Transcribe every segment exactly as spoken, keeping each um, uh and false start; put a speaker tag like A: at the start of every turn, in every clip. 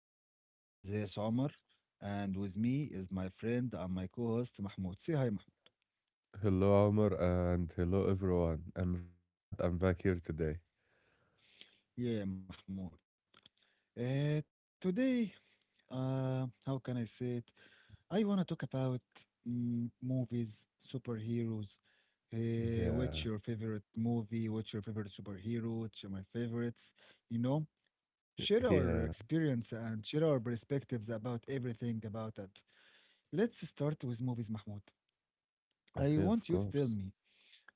A: our podcast. This is Omar, and with me is my friend and my co host, Mahmoud. Say hi, Mahmoud.
B: Hello, Amr, and hello, everyone. I'm really glad I'm back here today.
A: Yeah, Mahmoud. Uh, today, uh, how can I say it? I want to talk about mm, movies, superheroes. Uh,
B: Yeah,
A: what's your favorite movie? What's your favorite superhero? What's your, my favorites? You know, share our
B: yeah,
A: experience and share our perspectives about everything about that. Let's start with movies, Mahmoud. I
B: okay, of
A: want you to tell
B: course.
A: me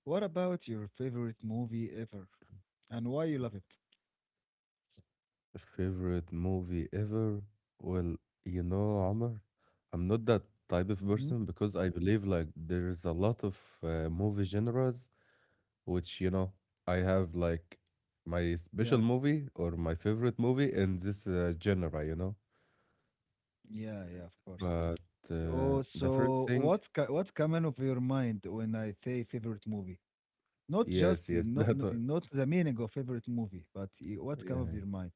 A: what about your favorite movie ever and why you love it.
B: Favorite movie ever? Well, you know, Amr, I'm not that type
A: Hmm.
B: of person because I believe like there is a lot of uh, movie genres which, you know, I have like my
A: Yeah,
B: special movie or my favorite movie in this uh, genre, you know.
A: yeah, yeah, of course.
B: But uh,
A: Oh,
B: the first
A: so
B: thing,
A: what's co- what's coming of your mind when I say favorite movie? Not
B: yes,
A: just
B: yes.
A: uh,
B: That,
A: not
B: wa-
A: not, not the meaning of favorite movie, but uh, what
B: yeah.
A: come of
B: Yeah.
A: your mind?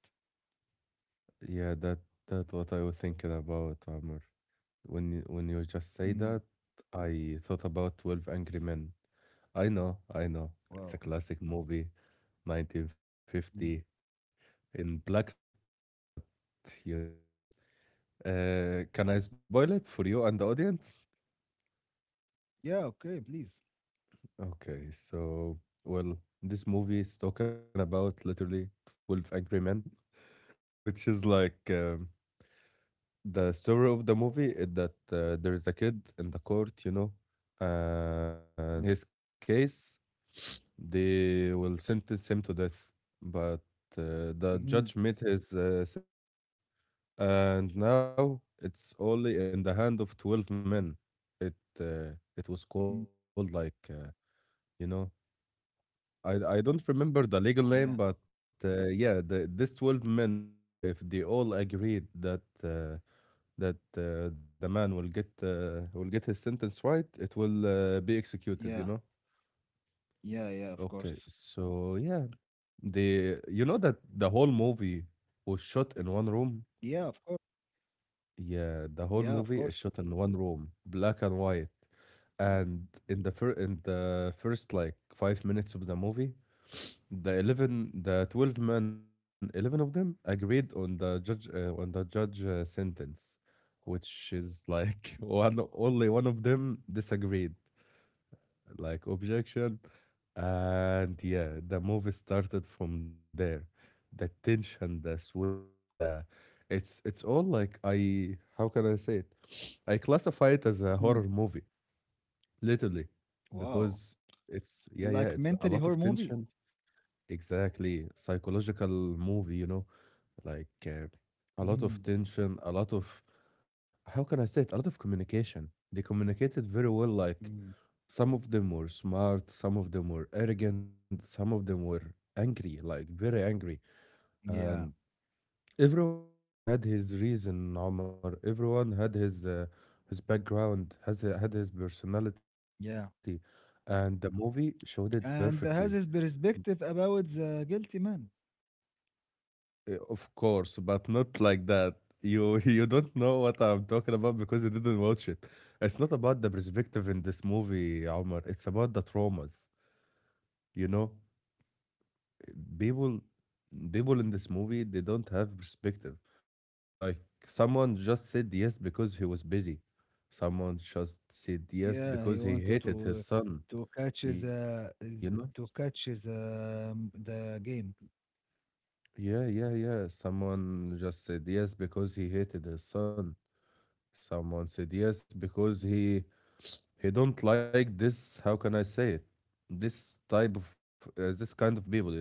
B: Yeah, that that what I was thinking about, Amr. When you- when you just
A: Mm,
B: say that, I thought about twelve Angry Men. I know, I know.
A: wow.
B: It's a classic movie, nineteen fifty,
A: Mm.
B: in black and white, but you know. Uh, can I spoil it for you and the audience?
A: Yeah. Okay. Please.
B: Okay, so well, this movie is talking about literally twelve Angry Men, which is like um, The story of the movie is that uh, there is a kid in the court, you know, and
A: Mm.
B: in his case, they will sentence him to death. But uh, the
A: Hmm.
B: judge made his uh, sentence, and now it's only in the hand of twelve men. It uh, it was
A: Hmm.
B: called like, uh, you know, I I don't remember the legal
A: Yeah.
B: name, but uh, yeah, the, this twelve men, if we if they all agreed that. Uh, that uh, the man will get uh, will get his sentence right, it will uh, be executed,
A: Yeah.
B: you know?
A: Yeah. Yeah. Of
B: Okay,
A: course.
B: so yeah, the you know that the whole movie was shot in one room?
A: Yeah. Of course.
B: Yeah, the
A: Yeah.
B: whole
A: Of
B: movie
A: course.
B: is shot in one room, black and white. And in the fir in the first like five minutes of the movie. The eleven, the twelve men, eleven of them agreed on the judge uh, on the judge uh, sentence, which is like one only one of them disagreed, like objection, and yeah, the movie started from there. The tension, the sweating, the it's it's all like, I how can I say it? I classify it as
A: Hmm.
B: a horror movie, literally,
A: Wow.
B: because it's, yeah, yeah,
A: Like
B: it's a
A: mentally
B: lot of
A: horror movie.
B: tension. Exactly. Psychological movie, you know, like uh,
A: Mhm,
B: a lot of tension, a lot of, how can I say it? A lot of communication. They communicated very well. Like
A: mhm.
B: some of them were smart, some of them were arrogant, some of them were angry, like very angry. And
A: Yeah,
B: everyone had his reason, Omar. Everyone had his uh, his background, has had his personality.
A: yeah.
B: And the movie showed it perfectly.
A: And has his perspective about the guilty man.
B: Uh, Of course, but not like that. You you don't know what I'm talking about because you didn't watch it. It's not about the perspective in this movie, Omar. It's about the traumas. You know, people people in this movie they don't have perspective. Like someone just said yes because he was busy. Someone just said
A: Yeah,
B: yes
A: he
B: because he
A: wanted
B: hated
A: to
B: his son.
A: to catch
B: You know?
A: the is- to catch the um, the game.
B: Yeah, yeah, yeah. Someone just said yes because he hated his son. Someone said yes because he He don't like this, how can I say it? This type of uh, this kind of people, you know.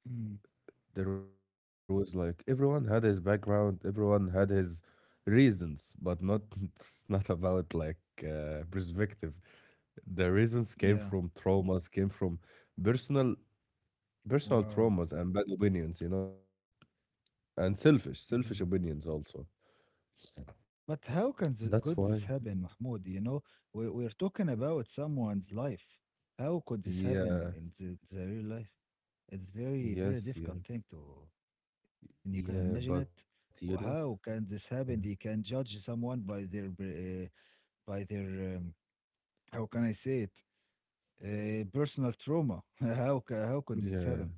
A: Mm,
B: There was like everyone had his background, everyone had his reasons, but not. It's not about like uh, perspective. The reasons came
A: yeah.
B: from traumas, came from personal personal
A: Wow.
B: traumas and bad opinions, you know, and selfish
A: Mhm.
B: selfish opinions also.
A: But how can th-
B: That's
A: could
B: why.
A: this happen, Mahmoud? You know, we we're talking about someone's life. How could this happen
B: Yeah.
A: in the, the real life? It's very,
B: Yes.
A: very
B: Yes.
A: difficult thing to and you can imagine
B: Yeah.
A: it.
B: But you know.
A: How can this
B: Yeah.
A: happen? They can judge someone by their br- uh, by their um, how can I say it? Uh, personal trauma. How ca- how could this
B: Yeah.
A: happen?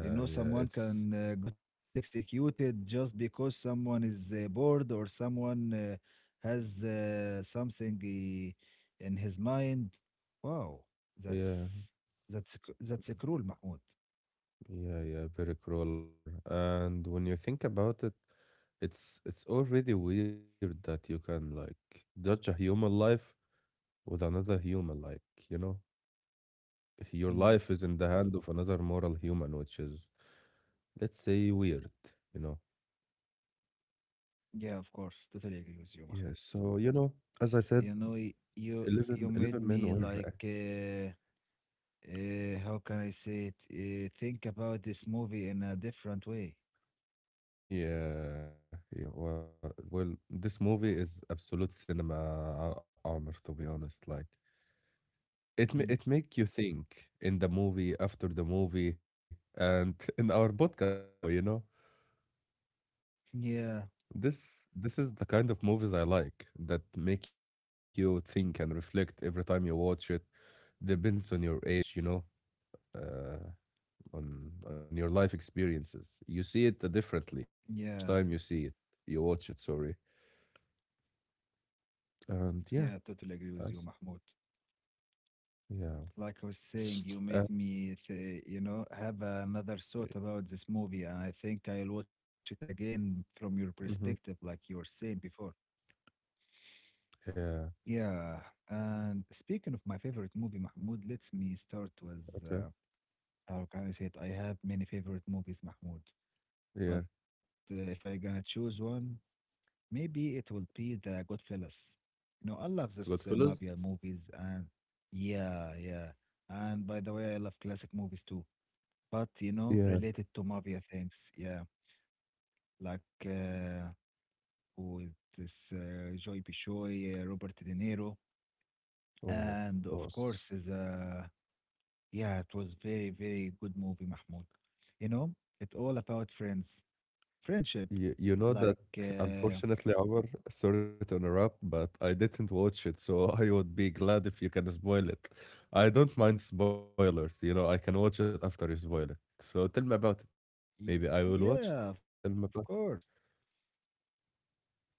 A: You know,
B: yeah,
A: someone
B: it's
A: can uh, got executed just because someone is uh, bored or someone uh, has uh, something he, in his mind. Wow,
B: yeah,
A: that's that's a cr- that's a cruel, Mahmoud.
B: yeah, yeah, very cruel, Omar. And when you think about it, it's it's already weird that you can like judge a human life with another human, like, you know, your life is
A: Mm.
B: in the hand of another moral human, which is, let's say, weird, you know.
A: Yeah, of course, totally agree with you, Mahmoud.
B: Yeah, so you know, as I
A: You
B: said,
A: know, y- you
B: eleven
A: you made
B: eleven men
A: me
B: were.
A: like uh, uh, how can I say it? Uh, think about this movie in a different way.
B: Yeah, yeah, yeah. Well, well, this movie is absolute cinema, uh, armor, to be honest. Like
A: Mm.
B: it, ma- it make you think in the movie, after the movie, and in our podcast now. You know,
A: Yeah,
B: this this is the kind of movies I like that make you think and reflect every time you watch it. Depends on your age, you know, uh, on on your life experiences. You see it differently
A: yeah,
B: each time you see it, you watch it. Sorry, and
A: yeah.
B: yeah.
A: totally agree with you,
B: Us.
A: Mahmoud.
B: Yeah.
A: Like I was saying, you
B: Uh,
A: make me, th you know, have another thought about this movie, and I think I'll watch it again from your perspective, like
B: mhm.
A: you were saying before.
B: Yeah.
A: Yeah, and speaking of my favorite movie, Mahmoud, let me start with.
B: Okay.
A: Uh, How can I say it? I have many favorite movies, Mahmoud. But
B: Yeah.
A: uh, if I gonna choose one, maybe it will be The Goodfellas. You know, I love this uh,
B: Goodfellas?
A: mafia movies, and yeah, yeah. And by the way, I love classic movies too. But you know,
B: Yeah.
A: related to mafia things, yeah, like uh, with this uh, Joy Pishoy, uh, Robert De Niro,
B: Oh,
A: and
B: of
A: of course,
B: course.
A: the yeah, it was very, very good movie, Mahmoud. You know, it's all about
B: Yeah.
A: friends, friendship.
B: You, you know
A: Like,
B: that,
A: uh,
B: unfortunately, Omar, sorry to interrupt, but I didn't watch it, so I would be glad if you can spoil it. I don't mind spoilers, you know, I can watch it after you spoil it. So tell me about it.
A: y-
B: Maybe I will watch it
A: yeah, of
B: after you tell me
A: course.
B: about it.
A: Yeah,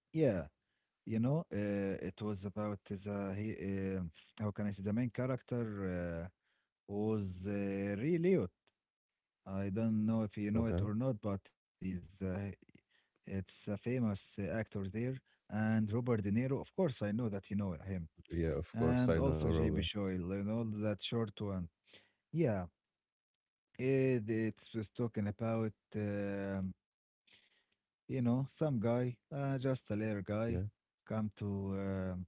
A: you know, uh, it was about the he, uh, how can I say the main character uh, was uh, Ray Liotta. I don't know
B: Okay.
A: if you know it or not, but he's uh, it's a famous uh, actor there, and Robert De Niro. Of course, I know that you know him.
B: Yeah, of course, I
A: And
B: know,
A: also
B: Robert.
A: J B Shoyle, you know, that short one. Yeah, it, it's just talking about, um, you know, some guy, uh, just a
B: Yeah.
A: little guy, come to
B: Okay.
A: um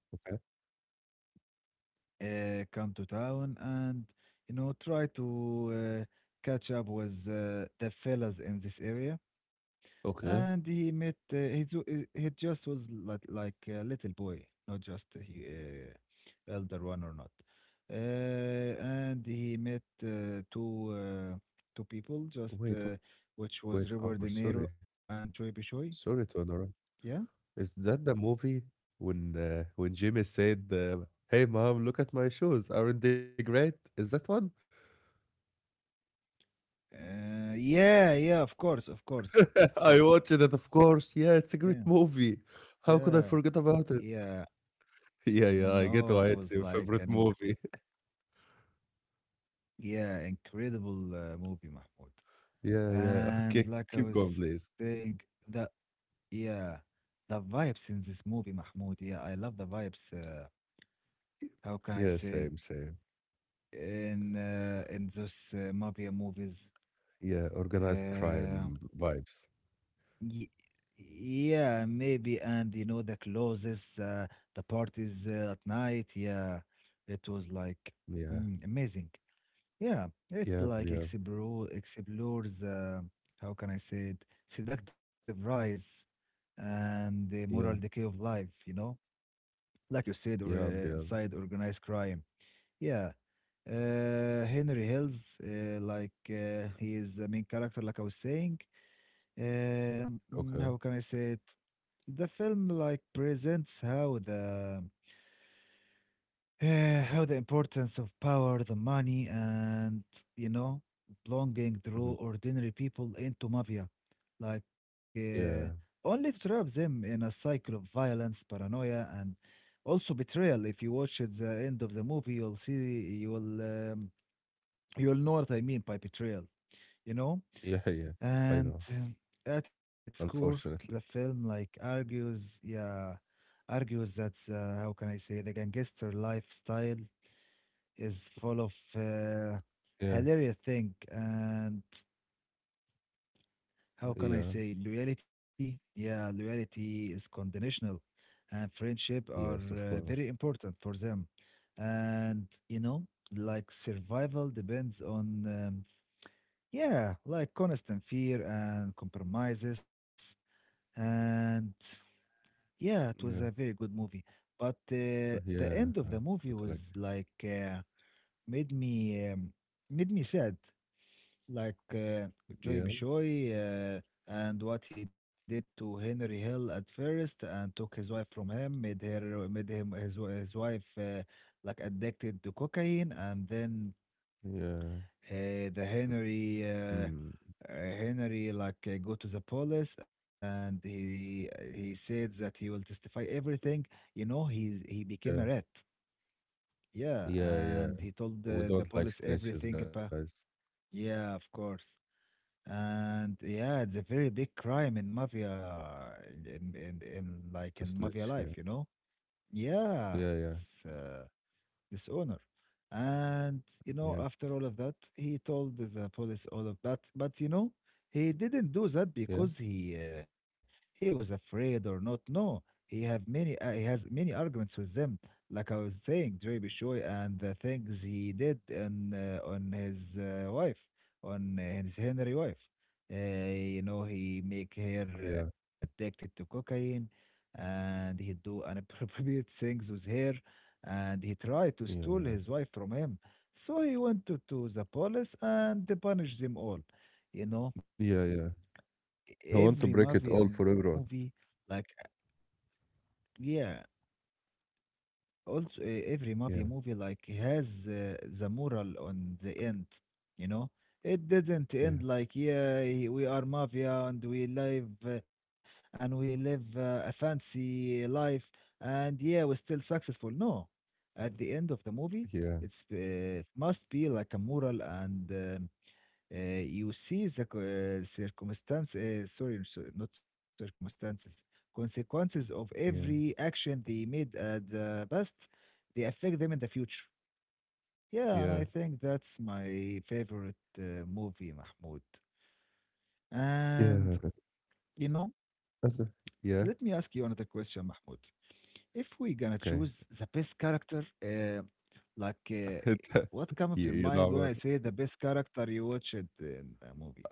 A: uh, come to town and, you know, try to uh, catch up with uh, the fellas in this area.
B: Okay.
A: And he met uh, he, ju- uh, he just was like, like a little boy not just he uh, elder one or not uh, and he met uh, two uh, two people just
B: Wait, wait,
A: uh,
B: Omar,
A: which
B: Omar,
A: was
B: sorry.
A: Robert De Niro and Choi Bishoy
B: Sorry to interrupt.
A: yeah
B: Is that the movie when uh, when Jimmy said, uh, "Hey, mom, look at my shoes. Aren't they great?" Is that one?
A: uh, yeah yeah of course of course of course
B: I watched it, of course. Yeah,
A: yeah
B: it's a great movie. How
A: yeah
B: could I forget about it?
A: yeah
B: Yeah, yeah, I get
A: no
B: why
A: it
B: it's
A: was
B: your
A: like
B: favorite
A: an incredible
B: movie.
A: yeah incredible uh, movie Mahmoud
B: Yeah, yeah.
A: and
B: Okay,
A: like I
B: keep
A: was
B: going, please.
A: saying, the yeah, the vibes in this movie, Mahmoud. Yeah, I love the vibes. Uh, how can
B: Yeah,
A: I say
B: same,
A: it?
B: same.
A: In uh, in those uh, mafia movies.
B: Yeah, organized
A: Uh,
B: crime vibes.
A: y yeah, maybe. And you know the closes, uh, the parties uh, at night. Yeah, it was like
B: Yeah,
A: mm, amazing. Yeah,
B: yeah,
A: it
B: yeah,
A: like explore explores. Uh, how can I say it? Seductive rise and the moral
B: yeah,
A: decay of life. You know. Like you said, or
B: yeah, yeah.
A: uh, inside organized crime. Yeah, uh, Henry Hills, uh, like uh, he is the main character, like I was saying. Um,
B: Okay.
A: mm, how can I say it? The film like presents how the Eh, how the importance of power, the money, and you know, belonging drew
B: Hmm.
A: ordinary people into mafia, like uh,
B: Yeah,
A: only to trap them in a cycle of violence, paranoia, and also betrayal. If you watch at the end of the movie, you'll see, you'll um, you'll know what I mean by betrayal, you know.
B: yeah. Yeah. I
A: And
B: know.
A: um, at its core, the
B: Unfortunately.
A: film like argues, yeah, argues that uh, how can I say, the gangster lifestyle is full of uh,
B: Yeah,
A: hilarious thing and how can
B: yeah.
A: I say loyalty? Yeah, loyalty is conditional, and friendship are
B: Yes, of
A: uh,
B: course.
A: very important for them. And you know, like survival depends on um, yeah, like constant fear and compromises. And yeah, it was
B: Yeah.
A: a very good movie. But
B: Uh,
A: uh, the
B: Yeah.
A: end of
B: I
A: the movie
B: totally
A: was
B: agree.
A: like uh, made me um, made me sad like uh,
B: Yeah.
A: Joy Bishoy uh, and what he did to Henry Hill at first and took his wife from him, made her made him his wi- his wife uh, like addicted to cocaine, and then
B: Yeah.
A: uh, the
B: Mm.
A: Henry uh, uh, Henry like uh, go to the police and he he said that he will testify everything. You know, he's he became
B: Yeah.
A: a rat. Yeah,
B: Yeah. Yeah.
A: and he told the,
B: We
A: the
B: don't
A: police
B: like
A: everything
B: snitches,
A: about.
B: guys.
A: Yeah, of course. And yeah, it's a very big crime in mafia, in in,
B: To
A: in like
B: snitch.
A: in
B: Yeah.
A: mafia life, you know?
B: Yeah.
A: Yeah,
B: Yeah.
A: it's uh, dishonor. And you know,
B: Yeah.
A: after all of that, he told the police all of that. But you know, he didn't do
B: Yeah.
A: that because he uh, he was afraid or not. No, he have many uh, he has many arguments with them. Like I was saying, Dre Bishoy and the things he did on uh, on his uh, wife, on his Henry wife. Uh, you know, he
B: Yeah.
A: make her uh, addicted to cocaine, and he do inappropriate things with her and he
B: Yeah.
A: tried to steal
B: Yeah.
A: his wife from him. So he went to, to the police and they punished them all. You know,
B: Yeah. Yeah. I want to
A: every
B: break it
A: mafia
B: all for
A: movie,
B: everyone.
A: like, uh, yeah, also uh, every mafia
B: Yeah.
A: movie, like, has uh, the moral on the end, you know. It didn't
B: Yeah.
A: end like, yeah, we are mafia and we live uh, and we live uh, a fancy life and yeah, we're still successful. No, at the end of the movie
B: Yeah.
A: it's uh, it must be like a moral and um, uh, you see the co- uh, circumstance uh, sorry so- not circumstances, consequences of
B: Yeah.
A: every action they made at the past, they affect them in the future. Yeah, and
B: Yeah.
A: I think that's my favorite uh, movie, Mahmoud. And
B: Yeah.
A: you know,
B: That's a-
A: let me
B: yeah.
A: ask you another question, Mahmoud. If we gonna
B: Okay.
A: choose the best character, uh, Like, uh, what come of your
B: Yeah. You
A: mind when I
B: know.
A: say the best character you watched in a movie?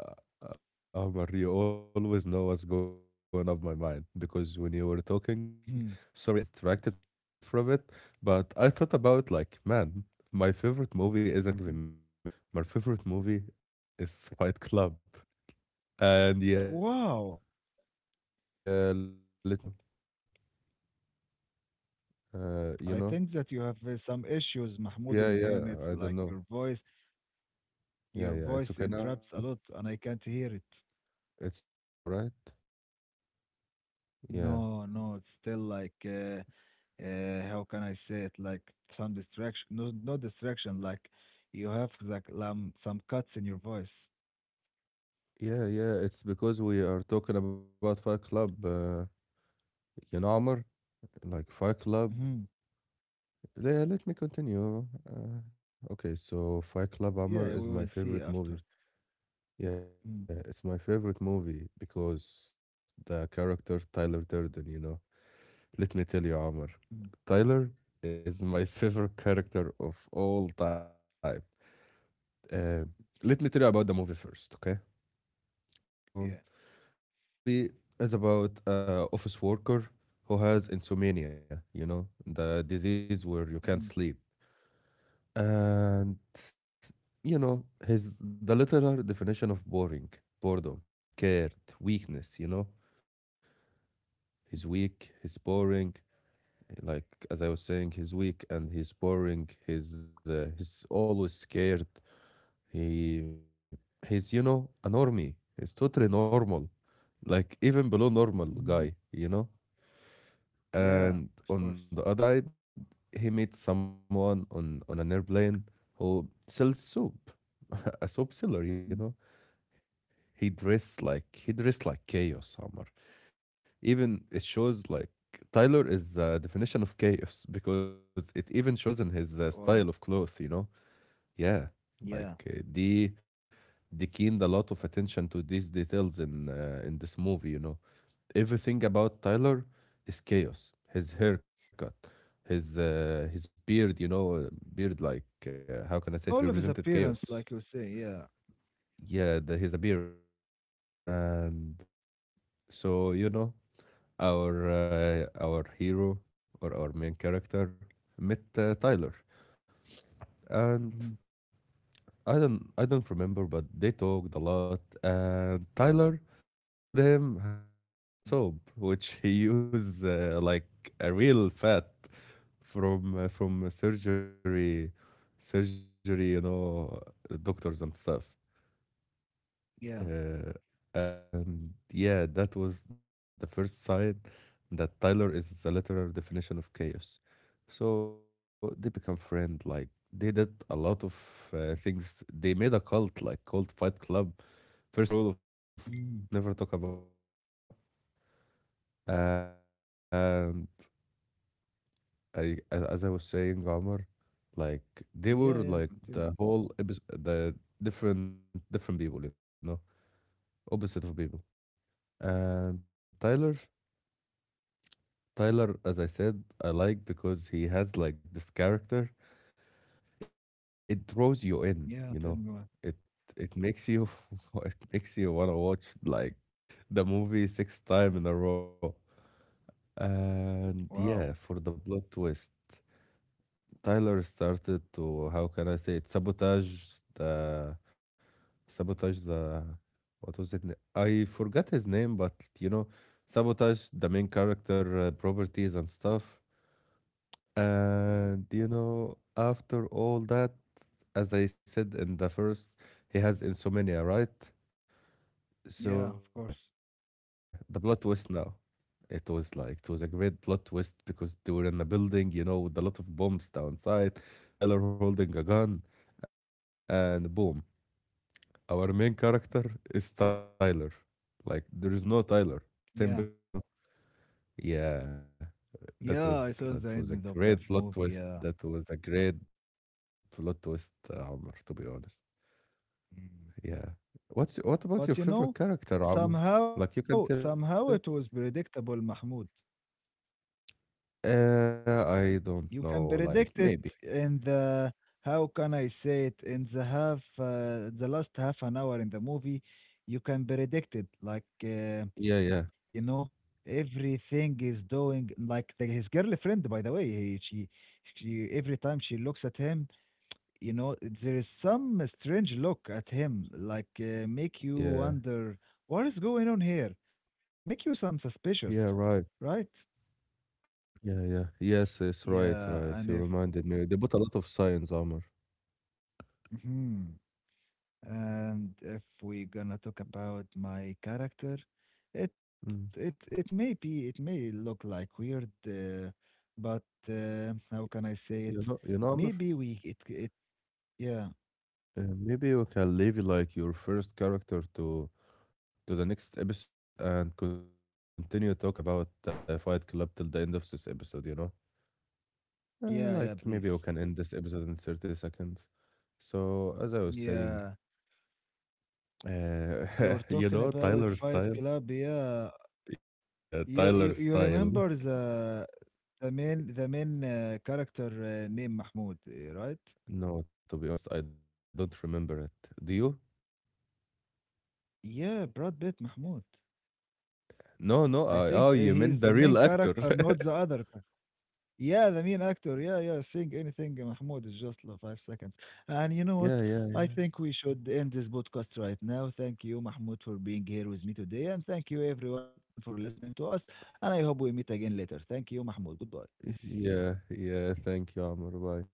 B: Omar, you always know what's going on my mind because when you were talking, sorry,
A: Hmm.
B: I got distracted from it, but I thought about like, man, my favorite movie isn't twelve Angry Men. My favorite movie is Fight Club. And yeah,
A: Wow.
B: yeah, let me tell you, uh, you
A: I
B: know,
A: think that you have uh, some issues, Mahmoud,
B: yeah,
A: on the
B: yeah,
A: internet.
B: I don't
A: Like
B: know.
A: your voice,
B: Yeah,
A: your
B: yeah, it's
A: voice
B: okay now.
A: interrupts a lot, and I can't hear it.
B: It's okay now, right? Yeah.
A: No, no, it's still like, uh, uh, how can I say it? Like some distraction. No, no distraction. Like you have like um, some cuts in your voice.
B: Yeah, yeah, it's because we are talking about Fight Club. Uh, you know, Omar? Like Fight Club.
A: Hmm.
B: Le- Let me continue. Uh, okay, so Fight Club, Amr,
A: Yeah,
B: is
A: we
B: my
A: will see
B: favorite
A: after.
B: movie. Yeah, it's
A: Mm.
B: my favorite movie because the character Tyler Durden, you know. Let me tell you, Amr.
A: Mm.
B: Tyler is
A: Yeah.
B: my favorite character of all time. Uh, Let me tell you about the movie first, okay? So,
A: Yeah.
B: the movie is about a office worker who has insomnia, you know, the disease where you
A: Hmm.
B: can't sleep. And you know, his the literal definition of boring, boredom, scared, weakness, you know? He's weak, he's boring. Like as I was saying, he's weak and he's boring. He's uh, he's always scared. He he's you know a normie. He's totally normal, like even below normal
A: Mhm.
B: guy. You know.
A: Yeah, of
B: And
A: course.
B: on the other side, he meets someone on on an airplane who sells soap, a soap seller, you
A: Mm.
B: know he dressed like, he dressed like chaos, Omar. Even it shows like Tyler is the definition of chaos because it even shows in his uh, style
A: Wow.
B: of clothes, you know. Yeah,
A: Yeah.
B: like uh, they they keened a lot of attention to these details in uh, in this movie, you know. Everything about Tyler is chaos. His haircut, his uh, his beard, you know, uh, beard like uh, how can I say it,
A: All of his
B: represented
A: appearance,
B: chaos.
A: like you say, yeah.
B: Yeah, the, his appearance, and uh, so you know, our uh, our hero or our main character met uh, Tyler. And
A: Mhm.
B: I don't I don't remember, but they talked a lot, and Tyler showed him how he make the soap, which he used uh, like a real fat from uh, from surgery, surgery, you know, doctors and stuff.
A: Yeah.
B: Uh, and yeah, that was the first sign that Tyler is the literal definition of chaos. So they become friend. Like they did a lot of uh, things. They made a cult, like called Fight Club. First rule of Fight Club:
A: Mhm.
B: never talk about Fight Club. You know. And I, a- as I was saying, Omar, like they
A: Yeah,
B: were
A: yeah,
B: like
A: continue.
B: the whole episode, the different different people. You know, opposite of people. And Tyler Tyler, as I said, I like because he has like this character. It draws you in, you know.
A: Yeah, tell me what.
B: It it makes you it makes you wanna watch like the movie six times in a row. And
A: Wow.
B: yeah, for the plot twist, Tyler started to, how can I say it, sabotage the, sabotage the what was it? na- I forgot his name, but you know, sabotage the main character uh, properties and stuff. And you know, after all that, as I said in the first, he has insomnia, right?
A: Yeah,
B: So
A: of
B: yeah,
A: course.
B: the plot twist now. It was like it was a great plot twist because they were in a building, you know, with a lot of bombs downside. Tyler holding a gun, and boom, our main character is Tyler. Like there is no Tyler. They are
A: Yeah.
B: the same person, you know? Yeah.
A: Yeah, I
B: That
A: saw
B: was
A: the
B: that
A: end
B: was a
A: of that
B: great
A: movie,
B: plot twist.
A: yeah.
B: That was a great plot twist, Amr, to be honest.
A: Mm.
B: Yeah. What's what about your
A: But you
B: favorite
A: know,
B: character, Amr?
A: somehow,
B: Like you can
A: somehow
B: tell me
A: it was
B: about it?
A: predictable, Mahmoud.
B: Uh, I
A: You
B: don't
A: can
B: know,
A: predict it
B: like maybe.
A: in the how can I say it in the half uh, the last half an hour in the movie. You can predict it like uh,
B: Yeah, yeah,
A: you know everything is doing like the, his girlfriend, by the way he, she she every time she looks at him you know there is some strange look at him like uh, make you
B: yeah.
A: wonder what is going on here, make you some
B: Yeah,
A: suspicious,
B: right.
A: right?
B: Yeah, yeah. Yes, yes, right, right.
A: Yeah,
B: You
A: and if
B: reminded me. They put a lot of science, Amr.
A: mhm. And if we're gonna talk about my character, it it
B: Mm.
A: it may be it may look like weird, uh, but uh, how can I
B: You
A: say
B: know, you
A: it?
B: know, Amr?
A: Maybe we it it yeah
B: Uh, maybe you can leave like your first character to to the next episode and continue talking about uh, Fight Club till the end of this episode, you know? Uh,
A: yeah yeah
B: like maybe we
A: please
B: can end this episode in thirty seconds. So, as I was saying,
A: yeah.
B: uh,
A: You were
B: you
A: talking
B: know,
A: about
B: Tyler
A: Fight
B: style.
A: Club, yeah.
B: Yeah,
A: You
B: yeah,
A: you you
B: Tyler
A: remember
B: style.
A: the the main the main uh, character uh, named Mahmoud, uh, right?
B: No, to be honest, I don't remember it. Do you?
A: Yeah, Brad Pitt Mahmoud. I
B: No, no,
A: think uh,
B: I, oh,
A: he's the
B: you
A: main
B: meant the real
A: character,
B: actor.
A: not the other. Yeah, the main actor. Yeah, yeah. Saying anything, uh, Mahmoud, is just like five seconds. And you know what?
B: Yeah,
A: I
B: yeah,
A: think we should end this podcast right now. Thank you, Mahmoud, for being here with me today. And thank you, everyone, for listening to us. And I hope we meet again later. Thank you, Mahmoud. Goodbye.
B: yeah, yeah. Thank you, Amr. Bye.